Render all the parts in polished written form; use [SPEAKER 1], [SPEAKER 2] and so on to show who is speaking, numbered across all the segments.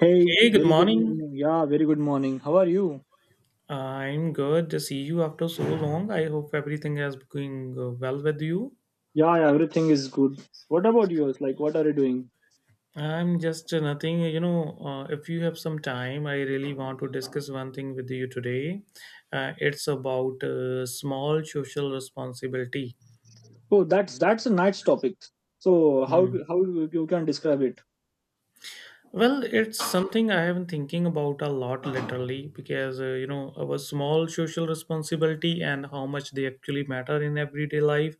[SPEAKER 1] Hey,
[SPEAKER 2] Hey, good
[SPEAKER 1] very good
[SPEAKER 2] morning.
[SPEAKER 1] morning. Yeah, very good morning. How are you?
[SPEAKER 2] I'm good to see you after so long. I hope everything is going well with you.
[SPEAKER 1] Yeah, yeah, everything is good. What about yours? Like, what are you doing?
[SPEAKER 2] I'm just nothing, If you have some time, I really want to discuss one thing with you today. It's about small social responsibility.
[SPEAKER 1] Oh, that's a nice topic. So,
[SPEAKER 2] Hmm.
[SPEAKER 1] how you can describe it?
[SPEAKER 2] Well, it's something I have been thinking about a lot lately because you know our small social responsibility and how much they actually matter in everyday life.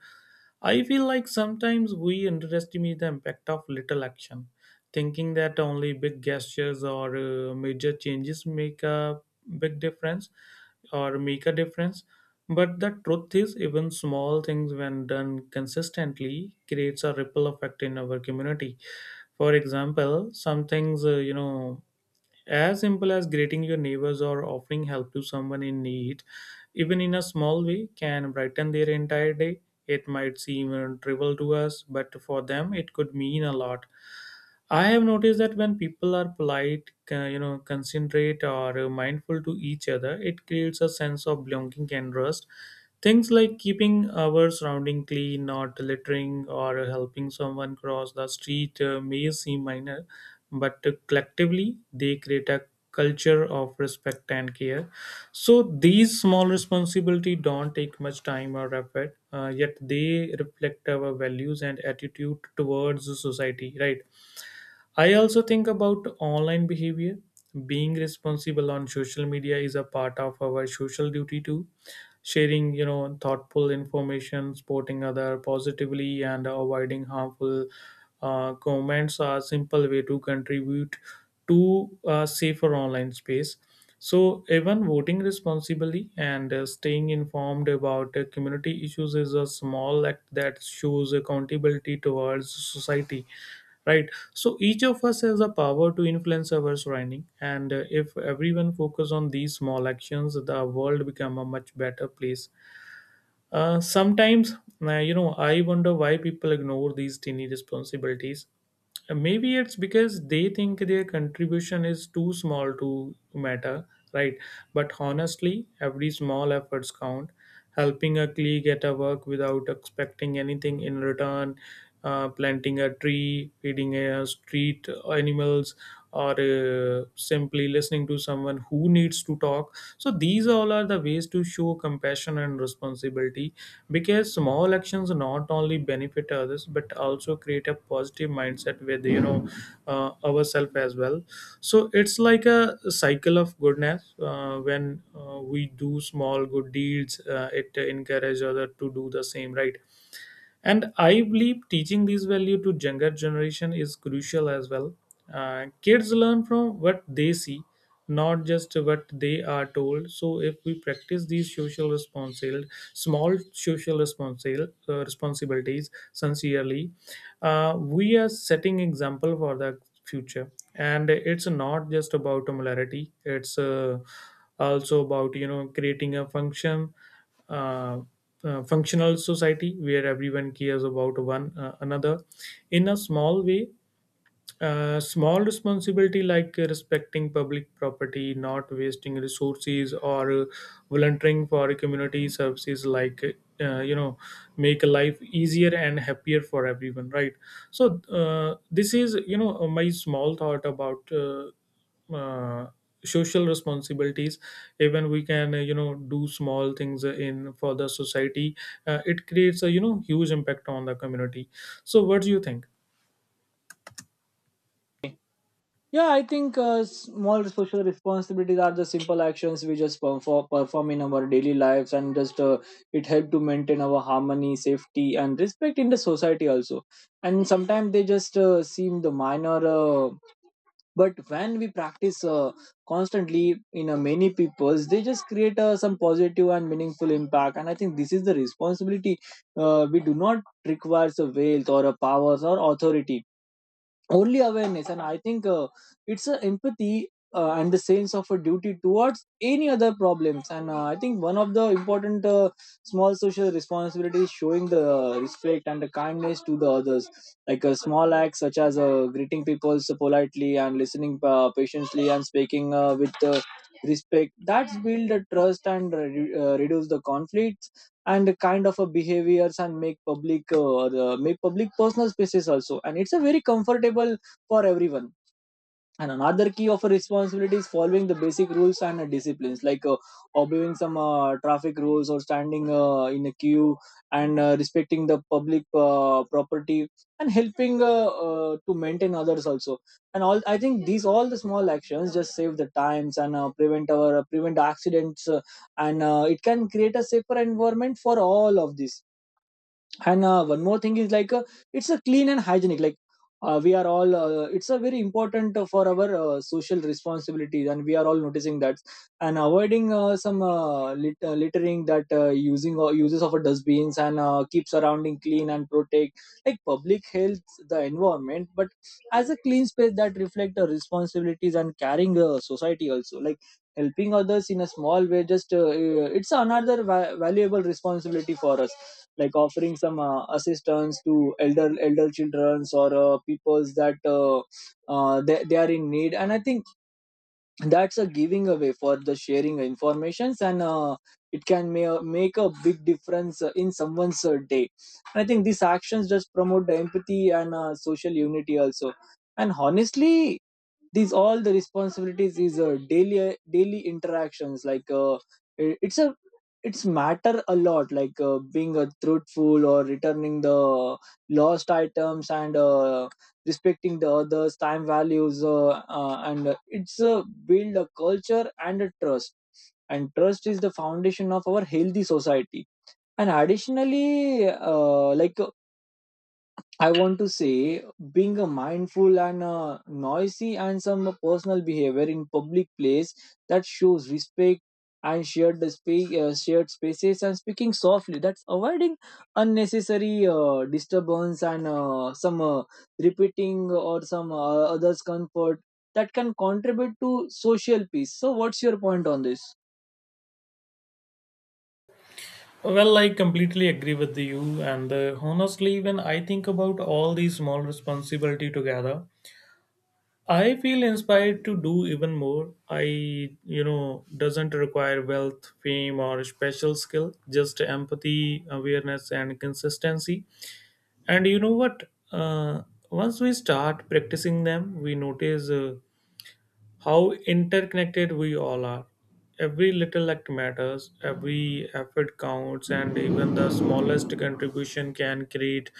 [SPEAKER 2] I feel like sometimes we underestimate the impact of little action, thinking that only big gestures or major changes make a big difference or make a difference. But the truth is, even small things, when done consistently, creates a ripple effect in our community. For example, some things, as simple as greeting your neighbors or offering help to someone in need, even in a small way, can brighten their entire day. It might seem trivial to us, but for them, it could mean a lot. I have noticed that when people are polite, considerate or mindful to each other, it creates a sense of belonging and trust. Things like keeping our surrounding clean, not littering, or helping someone cross the street may seem minor, but collectively they create a culture of respect and care. So these small responsibility don't take much time or effort, yet they reflect our values and attitude towards the society, right? I also think about online behavior. Being responsible on social media is a part of our social duty too. Sharing, thoughtful information, supporting other positively, and avoiding harmful comments are simple way to contribute to a safer online space. So even voting responsibly and staying informed about community issues is a small act that shows accountability towards society, right? So each of us has the power to influence our surrounding and if everyone focus on these small actions the world become a much better place. Sometimes I wonder why people ignore these tiny responsibilities. Maybe it's because they think their contribution is too small to matter, right? But honestly every small efforts count. Helping a colleague get a work without expecting anything in return, planting a tree, feeding a street animals, or simply listening to someone who needs to talk. So these all are the ways to show compassion and responsibility, because small actions not only benefit others but also create a positive mindset with ourselves as well. So it's like a cycle of goodness. When we do small good deeds it encourages other to do the same, right? And I believe teaching these value to younger generation is crucial as well. Kids learn from what they see, not just what they are told. So if we practice these social responsibilities, small social responsibilities, responsibilities sincerely, we are setting example for the future. And it's not just about molarity, it's also about creating a function, uh, functional society where everyone cares about one another in a small way. Small responsibility like respecting public property, not wasting resources, or volunteering for community services, like uh, you know make life easier and happier for everyone, right? So this is my small thought about uh, social responsibilities. Even we can do small things in for the society. It creates a huge impact on the community. So what do you think?
[SPEAKER 1] Yeah, I think small social responsibilities are the simple actions we just perform in our daily lives, and just it help to maintain our harmony, safety, and respect in the society also. And sometimes they just seem the minor. But when we practice constantly in many peoples they just create some positive and meaningful impact, and I think this is the responsibility. We do not require a wealth or a powers or authority, only awareness, and I think it's a empathy and the sense of a duty towards any other problems. And I think one of the important small social responsibility is showing the respect and the kindness to the others, like a small act such as greeting people so politely and listening patiently and speaking with respect. That's build the trust and reduce the conflict and kind of a behaviors, and make public make public personal spaces also, and it's a very comfortable for everyone. And another key of a responsibility is following the basic rules and disciplines, like obeying some traffic rules or standing in a queue, and respecting the public property, and helping to maintain others also. And all, I think these all the small actions just save the times and prevent our prevent accidents, and it can create a safer environment for all of this. And one more thing is like it's a clean and hygienic, like we are all it's a very important for our social responsibilities, and we are all noticing that, and avoiding some littering that using or uses of a dustbins, and keep surrounding clean and protect, like public health, the environment. But as a clean space that reflect our responsibilities and carrying society also, like helping others in a small way, just it's another valuable responsibility for us, like offering some assistance to elder childrens or peoples that they are in need. And I think that's a giving away for the sharing informations, and it can make a big difference in someone's day. And I think these actions just promote the empathy and social unity also. And honestly, these all the responsibilities is daily interactions, like it's a it's matter a lot, like being a truthful or returning the lost items, and respecting the others time values, and it's build a culture and a trust, and trust is the foundation of our healthy society. And additionally like I want to say being a mindful and noisy and some personal behavior in public place, that shows respect and shared the shared spaces and speaking softly. That's avoiding unnecessary disturbance and some repeating or some others comfort that can contribute to social peace. So, what's your point on this?
[SPEAKER 2] Well, I completely agree with you. And honestly, when I think about all these small responsibility together, I feel inspired to do even more. I, doesn't require wealth, fame, or special skill, just empathy, awareness, and consistency. And you know what? Uh, Once we start practicing them, we notice how interconnected we all are. Every little act matters, every effort counts, and even the smallest contribution can create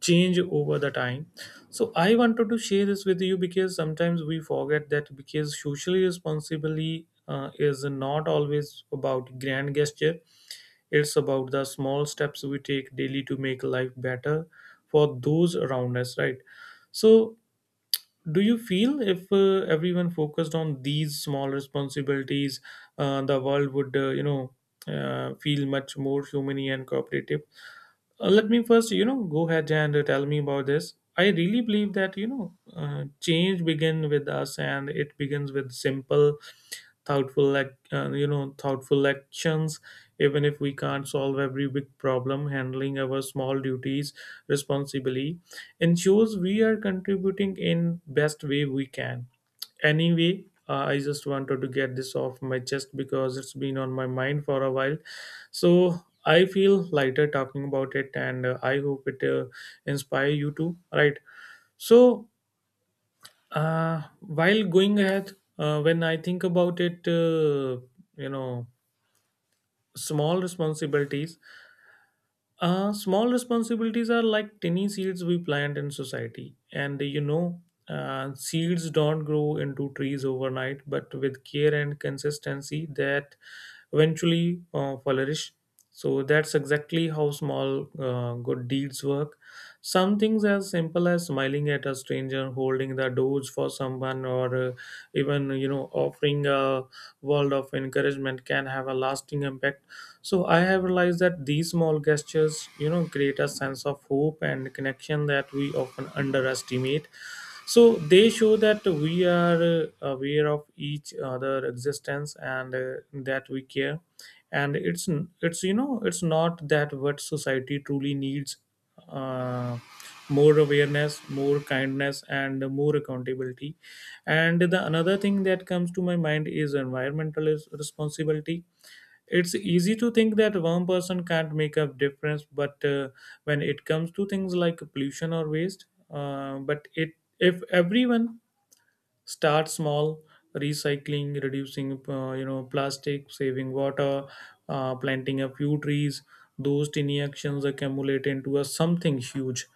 [SPEAKER 2] change over the time. So, I wanted to share this with you because sometimes we forget that because socially responsibility is not always about grand gesture, it's about the small steps we take daily to make life better for those around us, right? So, do you feel if everyone focused on these small responsibilities the world would feel much more humane and cooperative. Let me first, go ahead and tell me about this. I really believe that, change begins with us and it begins with simple, thoughtful, thoughtful actions. Even if we can't solve every big problem, handling our small duties responsibly ensures we are contributing in best way we can. Anyway, I just wanted to get this off my chest because it's been on my mind for a while. So I feel lighter talking about it, and I hope it inspire you too. Right. So while going ahead, when I think about it, you know, small responsibilities. Small responsibilities are like tiny seeds we plant in society. And you know, seeds don't grow into trees overnight, but with care and consistency, that eventually flourish. So that's exactly how small good deeds work. Some things as simple as smiling at a stranger, holding the doors for someone, or even offering a world of encouragement can have a lasting impact. So I have realized that these small gestures create a sense of hope and connection that we often underestimate. So they show that we are aware of each other existence and that we care. And it's it's not that what society truly needs, uh, more awareness, more kindness and more accountability. And the another thing that comes to my mind is environmental responsibility. It's easy to think that one person can't make a difference, but when it comes to things like pollution or waste, but it, if everyone starts small, recycling, reducing plastic, saving water, planting a few trees, those tiny actions accumulate into a something huge.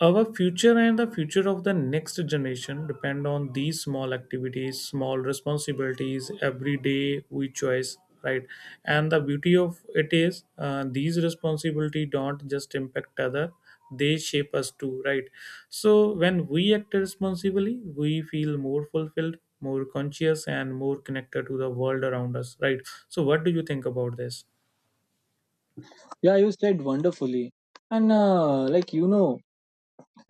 [SPEAKER 2] Our future and the future of the next generation depend on these small activities, small responsibilities, every day we choose, right? And the beauty of it is these responsibility don't just impact other, they shape us too, right? So when we act responsibly, we feel more fulfilled, more conscious, and more connected to the world around us, right? So what do you think about this?
[SPEAKER 1] Yeah, you said wonderfully, and like you know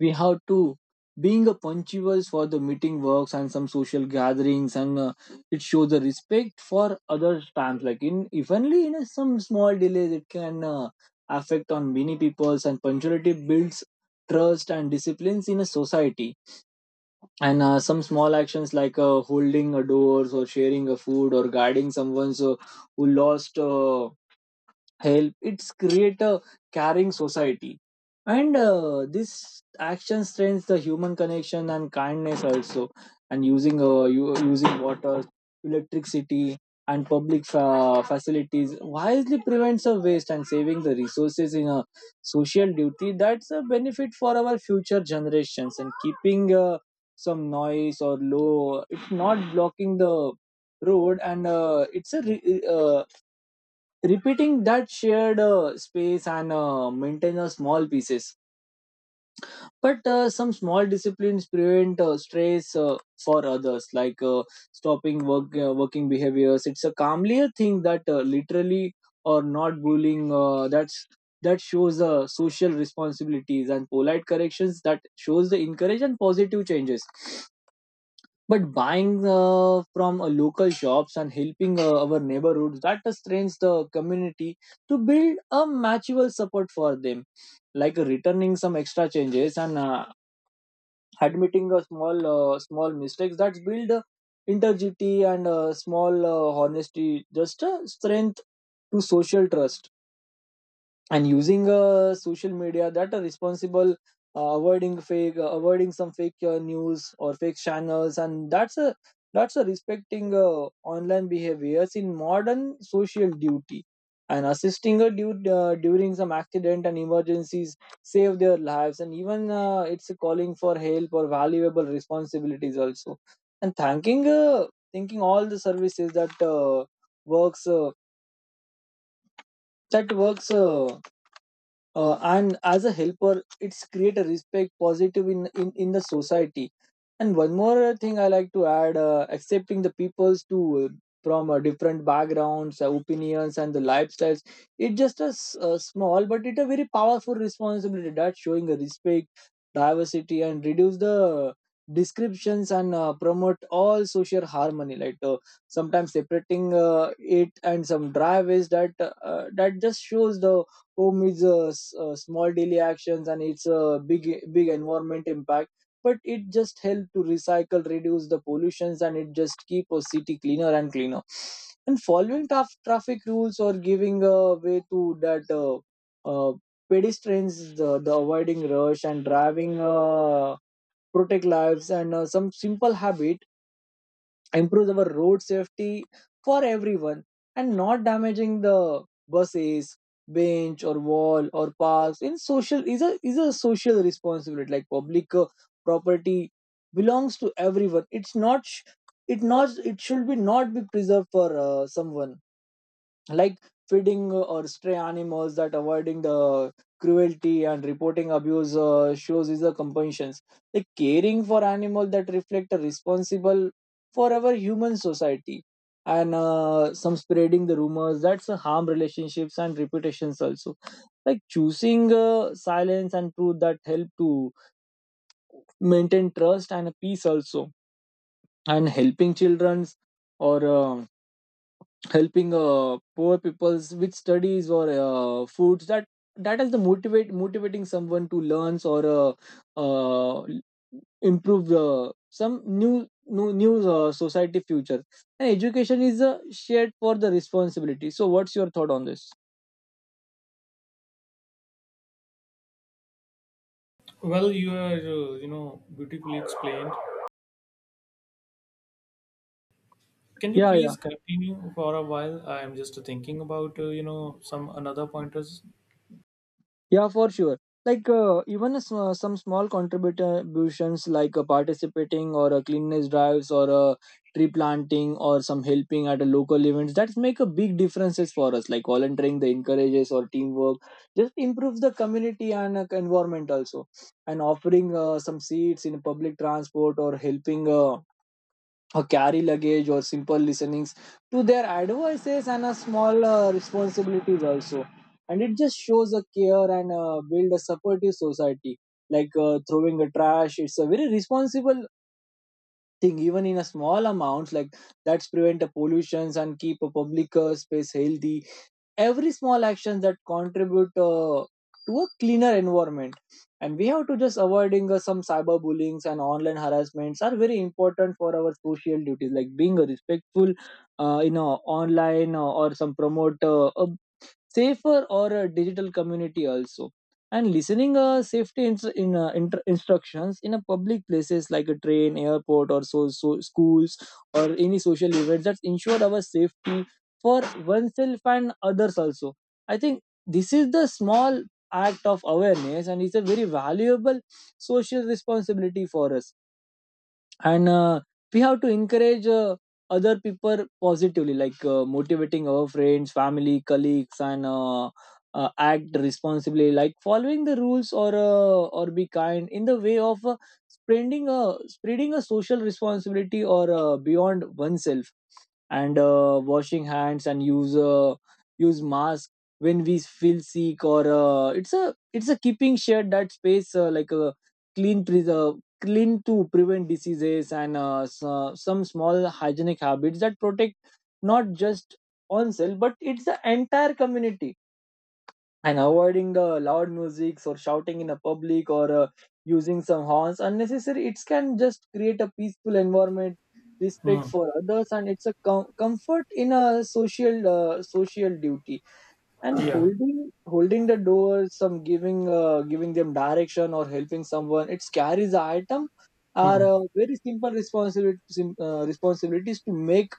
[SPEAKER 1] we have to being a punctual for the meeting works and some social gatherings, and it shows the respect for other times, like in if only in a, some small delays it can affect on many peoples, and punctuality builds trust and disciplines in a society. And some small actions, like holding a doors or sharing a food or guiding someone so who lost help, it's create a caring society. And this action strengthens the human connection and kindness also. And using using water, electricity and public facilities wisely prevents a waste, and saving the resources in a social duty, that's a benefit for our future generations. And keeping some noise or low, it's not blocking the road, and it's a repeating that shared space, and maintain a small pieces. But some small disciplines prevent stress for others, like stopping working behaviors, it's a calmlier thing that literally or not bullying that's that shows social responsibilities, and polite corrections, that shows the encourage and positive changes. But buying from local shops and helping our neighborhoods, that strengthens the community to build a mutual support for them, like returning some extra changes, and admitting a small mistakes, that's build integrity, and small honesty, just strength to social trust. And using social media that are responsible, avoiding some fake news or fake channels, and that's a respecting online behaviors in modern social duty. And assisting a dude during some accident and emergencies, save their lives, and even it's a calling for help or valuable responsibilities also. And thanking all the services that works that works, and as a helper, it's create a respect positive in the society. And one more thing I like to add, accepting the peoples to uh, from different backgrounds, opinions and the lifestyles, it's just a small, but it's a very powerful responsibility, that showing a respect diversity and reduce the descriptions, and promote all social harmony, like sometimes separating it and some driveways that that just shows the home is a small daily actions, and it's a big environment impact. But it just help to recycle, reduce the pollutions, and it just keep a city cleaner and cleaner. And following tough traffic rules or giving a way to that uh, pedestrians, the avoiding rush and driving protect lives, and some simple habit improves our road safety for everyone. And not damaging the buses, bench or wall or parks in social is a social responsibility, like public property belongs to everyone, it not it should be not be preserved for someone. Like feeding or stray animals, that avoiding the cruelty and reporting abuse shows is a compassion. Like caring for animal that reflect a responsible for our human society. And some spreading the rumors, that's a harm relationships and reputations also, like choosing silence and truth, that help to maintain trust and peace also. And helping childrens or helping poor peoples with studies or foods, that that is the motivate motivating someone to learns or uh, improve some new society future, and education is a shared for the responsibility. So what's your thought on this?
[SPEAKER 2] Well, you are, beautifully explained. Can you
[SPEAKER 1] yeah yeah
[SPEAKER 2] please continue for a while? I am just thinking about some another pointers.
[SPEAKER 1] Yeah, for sure. Like even some small contributions, like participating or cleanliness drives, or tree planting or some helping at a local events, that make a big differences for us. Like volunteering, the encourages or teamwork just improves the community and environment also. And offering some seats in public transport or helping. Or carry luggage or simple listenings to their advices and a small responsibilities also, and it just shows a care and build a supportive society. Like throwing a trash, it's a very responsible thing, even in a small amounts, like that's prevent a pollutions and keep a public space healthy. Every small action that contribute to a cleaner environment. And we have to just avoiding some cyber bullyings and online harassments are very important for our social duties, like being a respectful online or some promote a safer or a digital community also. And listening safety instructions in a public places, like a train, airport or so schools or any social events, that ensure our safety for oneself and others also. I think this is the small act of awareness, and it's a very valuable social responsibility for us. And we have to encourage other people positively, like motivating our friends, family, colleagues, and act responsibly, like following the rules or be kind in the way of spreading a social responsibility or beyond oneself. And washing hands and use use mask when we feel sick, or it's a keeping shared that space like a clean preserve clean to prevent diseases, and so, some small hygienic habits that protect not just oneself, but it's the entire community. And avoiding loud music or shouting in a public, or using some horns unnecessary, it can just create a peaceful environment, respect
[SPEAKER 2] Hmm.
[SPEAKER 1] for others, and it's a comfort in a social duty. And
[SPEAKER 2] Yeah.
[SPEAKER 1] holding the door, some giving them direction, or helping someone, it carries the item are
[SPEAKER 2] Hmm.
[SPEAKER 1] very simple responsibilities to make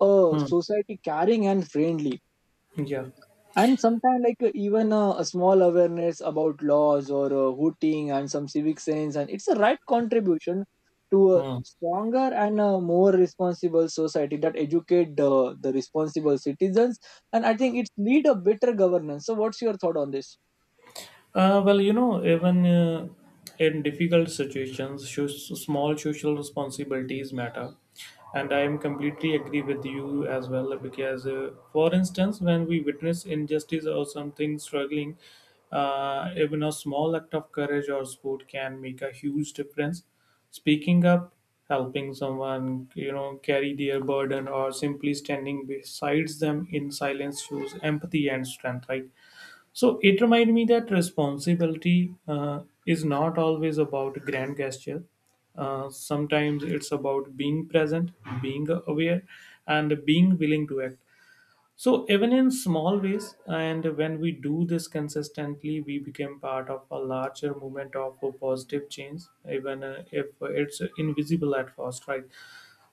[SPEAKER 1] a
[SPEAKER 2] Hmm.
[SPEAKER 1] society caring and friendly.
[SPEAKER 2] Yeah.
[SPEAKER 1] And sometimes, like even a small awareness about laws or hooting and some civic sense, and it's a right contribution to a
[SPEAKER 2] Hmm.
[SPEAKER 1] stronger and a more responsible society that educate the responsible citizens. And I think it's lead a better governance. So what's your thought on this?
[SPEAKER 2] Well, even in difficult situations, small social responsibilities matter. And I am completely agree with you as well because, for instance, when we witness injustice or something struggling, even a small act of courage or support can make a huge difference. Speaking up, helping someone, carry their burden, or simply standing beside them in silence shows empathy and strength, right? So it reminded me that responsibility is not always about grand gesture. Sometimes it's about being present, being aware, and being willing to act. So even in small ways, and when we do this consistently, we become part of a larger movement of a positive change, even if it's invisible at first, right?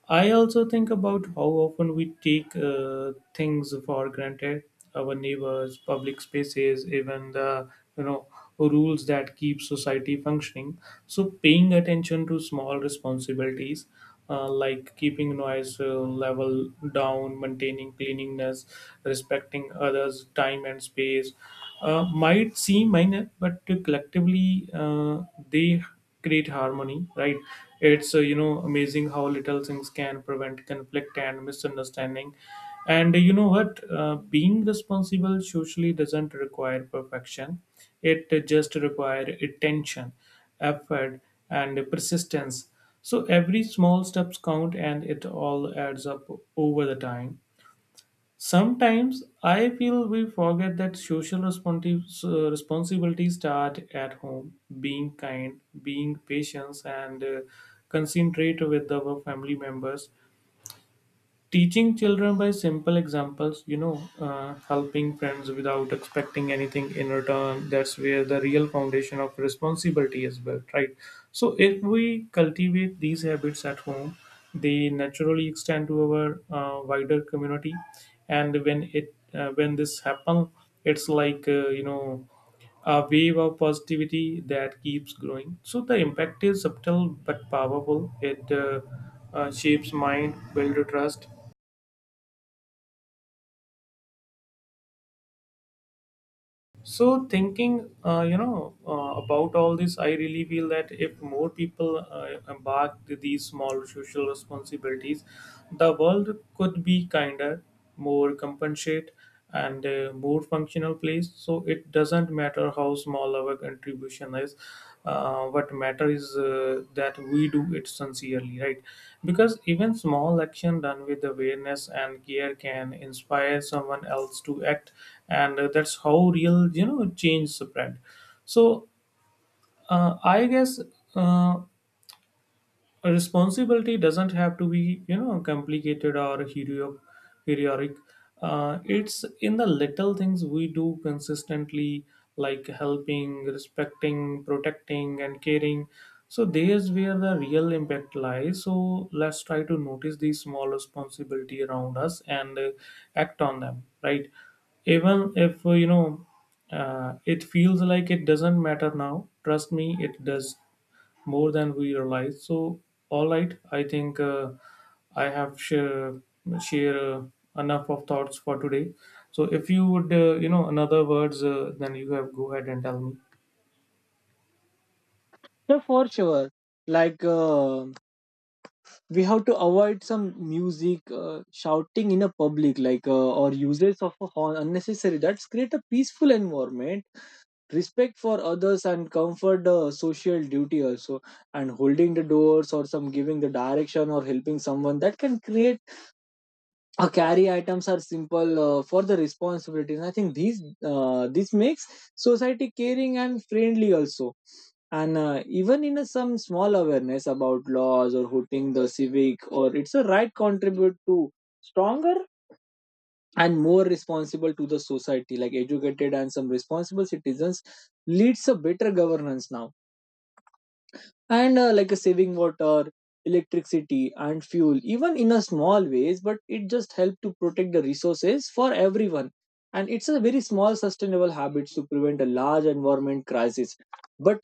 [SPEAKER 2] I also think about how often we take things for granted, our neighbors, public spaces, even the you know rules that keep society functioning. So paying attention to small responsibilities like keeping noise level down, maintaining cleanliness, respecting others' time and space might seem minor, but collectively they great harmony, right? It's amazing how little things can prevent conflict and misunderstanding. And you know what being responsible socially doesn't require perfection. It just requires attention, effort, and persistence. So every small steps count and it all adds up over the time. Sometimes I feel we forget that social responsibilities start at home. Being kind, being patient, and concentrate with our family members. Teaching children by simple examples, helping friends without expecting anything in return, that's where the real foundation of responsibility is built, right? So, if we cultivate these habits at home, they naturally extend to our wider community. And when it when this happens, it's like a wave of positivity that keeps growing. So the impact is subtle but powerful. It shapes mind, builds trust. So thinking, about all this, I really feel that if more people embark to these small social responsibilities, the world could be kinder, more compensate, and a more functional place. So it doesn't matter how small our contribution is. What matter is that we do it sincerely, right? Because even small action done with awareness and care can inspire someone else to act, and that's how real, change spread. So I guess uh, a responsibility doesn't have to be, complicated or heroic. It's in the little things we do consistently, like helping, respecting, protecting and caring. So there's where the real impact lies. So let's try to notice these small responsibility around us and act on them, right? Even if it feels like it doesn't matter now, trust me, it does more than we realize. So, all right, I think I have share share enough of thoughts for today. So, if you would, another words, then you have go ahead and tell me.
[SPEAKER 1] So for sure, like we have to avoid some music, shouting in a public, like or uses of a horn unnecessary, that's create a peaceful environment, respect for others, and comfort the social duty also. And holding the doors, or some giving the direction, or helping someone, that can create a carry items are simple, for the responsibilities. I think these this makes society caring and friendly also. And even in a, some small awareness about laws or hooting the civic, or it's a right contribute to stronger and more responsible to the society, like educated and some responsible citizens leads a better governance now. And like a saving water, electricity, and fuel even in a small ways, but it just helped to protect the resources for everyone. And it's a very small sustainable habits to prevent a large environment crisis. But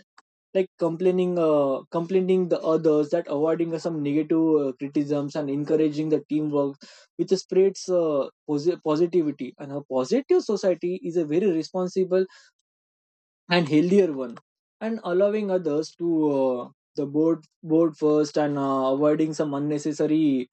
[SPEAKER 1] like complaining the others, that avoiding some negative criticisms, and encouraging the teamwork, which spreads positivity, and a positive society is a very responsible and healthier one. And allowing others to the board first, and avoiding some unnecessary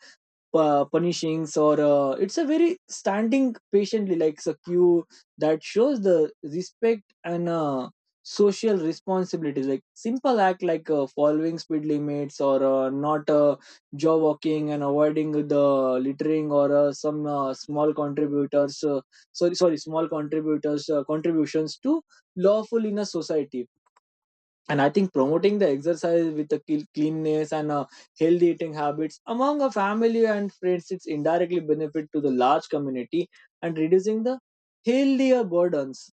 [SPEAKER 1] punishings, or it's a very standing patiently like a cue, that shows the respect and social responsibilities, like simple act like following speed limits, or not jaw walking, and avoiding the littering, or some small contributors sorry sorry small contributors contributions to lawful in a society. And I think promoting the exercise with the cleanness and healthy eating habits among a family and friends, it's indirectly benefit to the large community and reducing the healthier burdens.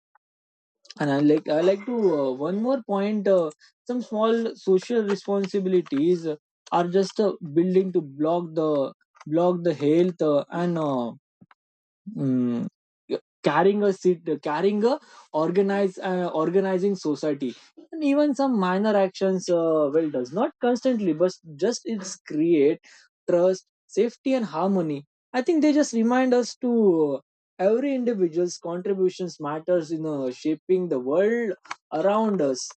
[SPEAKER 1] And I like to one more point. Some small social responsibilities are just building to block the health and mm, carrying a organized organizing society. And even some minor actions, well does not constantly but just it's create trust, safety, and harmony. I think they just remind us to, every individual's contributions matters in shaping the world around us.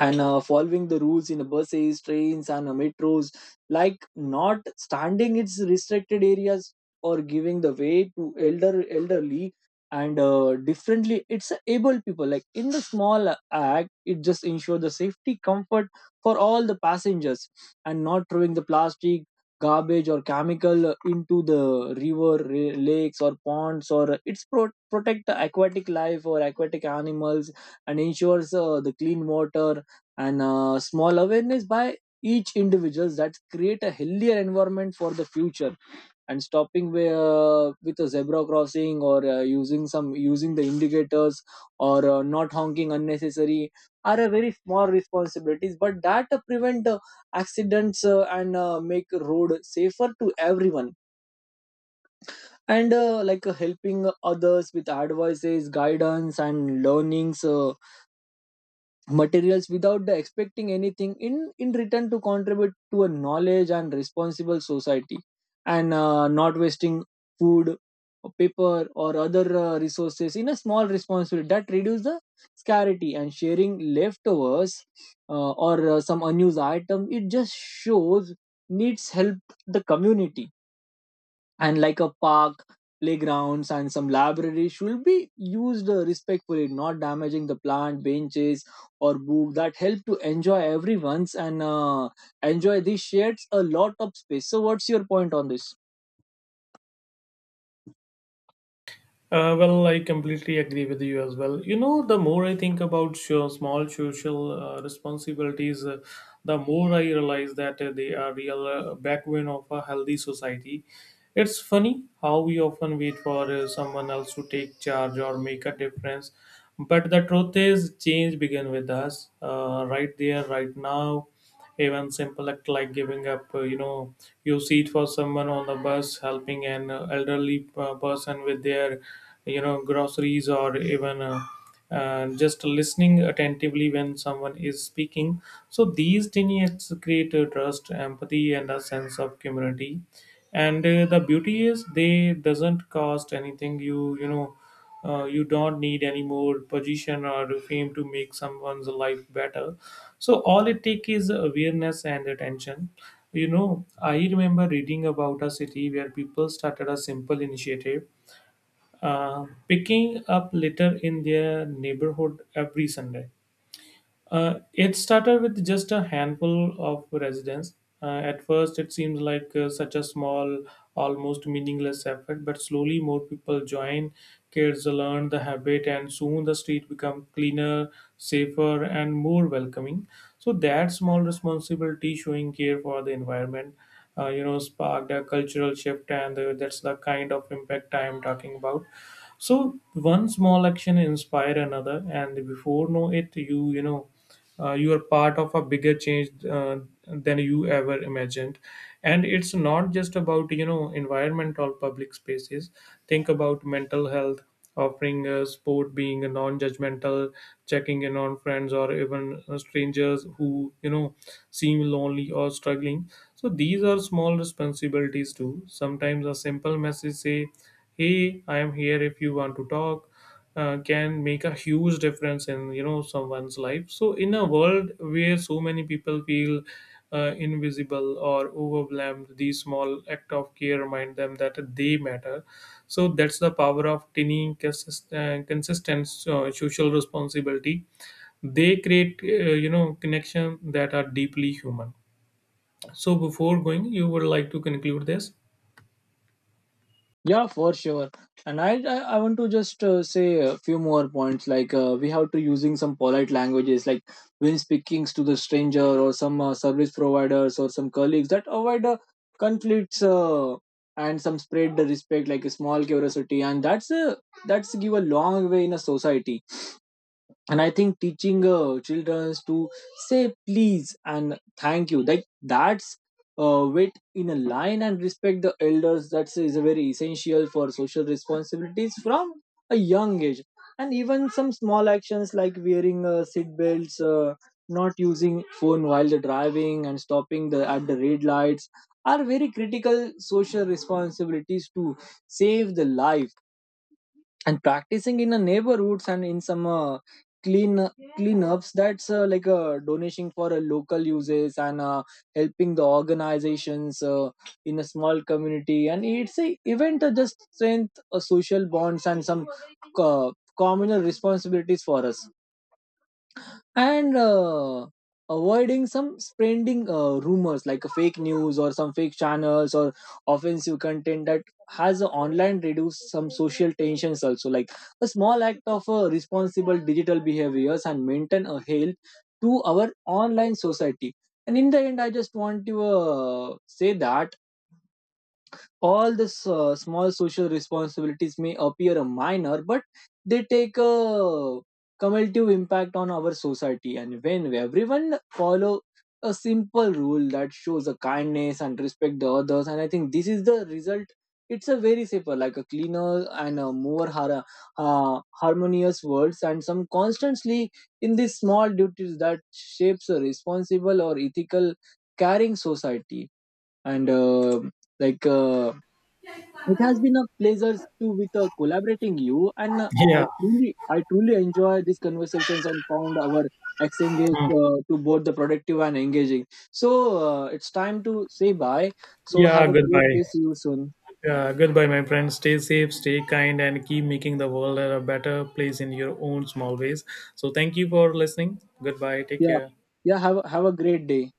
[SPEAKER 1] And following the rules in the buses, trains, and metros, like not standing its restricted areas, or giving the way to elderly and differently it's a able people, like in the small act it just ensure the safety comfort for all the passengers. And not throwing the plastic garbage or chemical into the lakes or ponds, or it's protect the aquatic life or aquatic animals, and ensures the clean water. And small awareness by each individuals that create a healthier environment for the future. And stopping with a zebra crossing, or using the indicators, or not honking unnecessary, are a very small responsibilities but that prevent accidents, and make road safer to everyone. And like helping others with advices, guidance, and learnings materials without the expecting anything in return to contribute to a knowledge and responsible society. And not wasting food or paper or other resources in a small responsibility that reduce the scarcity. And sharing leftovers, or some unused item, it just shows needs help the community. And like a park, playgrounds, and some libraries should be used respectfully, not damaging the plant benches or book that help to enjoy everyone's. And enjoy these shares a lot of space. So what's your point on this?
[SPEAKER 2] Well, I completely agree with you as well. You know, the more I think about small social responsibilities, the more I realize that they are real backbone of a healthy society. It's funny how we often wait for someone else to take charge or make a difference, but the truth is, change begins with us, right there, right now. Even simple act like giving up, your seat for someone on the bus, helping an elderly person with their, groceries, or even just listening attentively when someone is speaking. So these tiny acts create trust, empathy and a sense of community. And the beauty is, they doesn't cost anything. You don't need any more position or fame to make someone's life better. So all it takes is awareness and attention. You know, I remember reading about a city where people started a simple initiative, picking up litter in their neighborhood every Sunday. It started with just a handful of residents. At first, it seemed like such a small, almost meaningless effort, but slowly more people joined, kids learned the habit, and soon the street became cleaner, safer, and more welcoming. So, that small responsibility, showing care for the environment, sparked a cultural shift, and that's the kind of impact I am talking about. So, one small action inspire another, and before know it, you are part of a bigger change than you ever imagined. And it's not just about, environment or public spaces. Think about mental health, offering a sport, being a non-judgmental, checking in on friends or even strangers who, seem lonely or struggling. So these are small responsibilities too. Sometimes a simple message say, "Hey, I'm here if you want to talk," can make a huge difference in, someone's life. So in a world where so many people feel invisible or overwhelmed, these small act of care remind them that they matter. So that's the power of tiny, consistent social responsibility. They create, connection that are deeply human. So before going, you would like to conclude this?
[SPEAKER 1] Yeah, for sure. And I want to just say a few more points. Like we have to using some polite languages, like when speaking to the stranger, or some service providers, or some colleagues that avoid conflicts, and some spread the respect, like a small curiosity, and that's give a long way in a society. And I think teaching children to say please and thank you, like that's wait in a line and respect the elders, that's is very essential for social responsibilities from a young age. And even some small actions like wearing seat belts, not using phone while the driving, and stopping the at the red lights are very critical social responsibilities to save the life. And practicing in the neighborhoods and in some clean cleanups, that's like a donation for local uses, and helping the organizations in a small community, and it's a event just strength social bonds and some uh, communal responsibilities for us. And avoiding some spreading rumors like fake news, or some fake channels, or offensive content that has a online, reduce some social tensions also, like a small act of responsible digital behaviors and maintain a health to our online society. And in the end I just want to say that all the small social responsibilities may appear minor, but they take a cumulative impact on our society. And when everyone follow a simple rule that shows a kindness and respect the others, and I think this is the result, it's a very safer like a cleaner and a more harmonious world, and some constantly in these small duties that shapes a responsible or ethical caring society. And like it has been a pleasure to with collaborating you, and
[SPEAKER 2] Yeah.
[SPEAKER 1] I truly enjoy these conversations and found our exchanges
[SPEAKER 2] Hmm.
[SPEAKER 1] to both the productive and engaging. So it's time to say bye. So
[SPEAKER 2] Yeah,
[SPEAKER 1] have a great
[SPEAKER 2] goodbye.
[SPEAKER 1] day. See you soon.
[SPEAKER 2] Yeah, goodbye, my friend. Stay safe, stay kind, and keep making the world a better place in your own small ways. So, thank you for listening. Goodbye. Take
[SPEAKER 1] Yeah,
[SPEAKER 2] care.
[SPEAKER 1] yeah. Have a great day.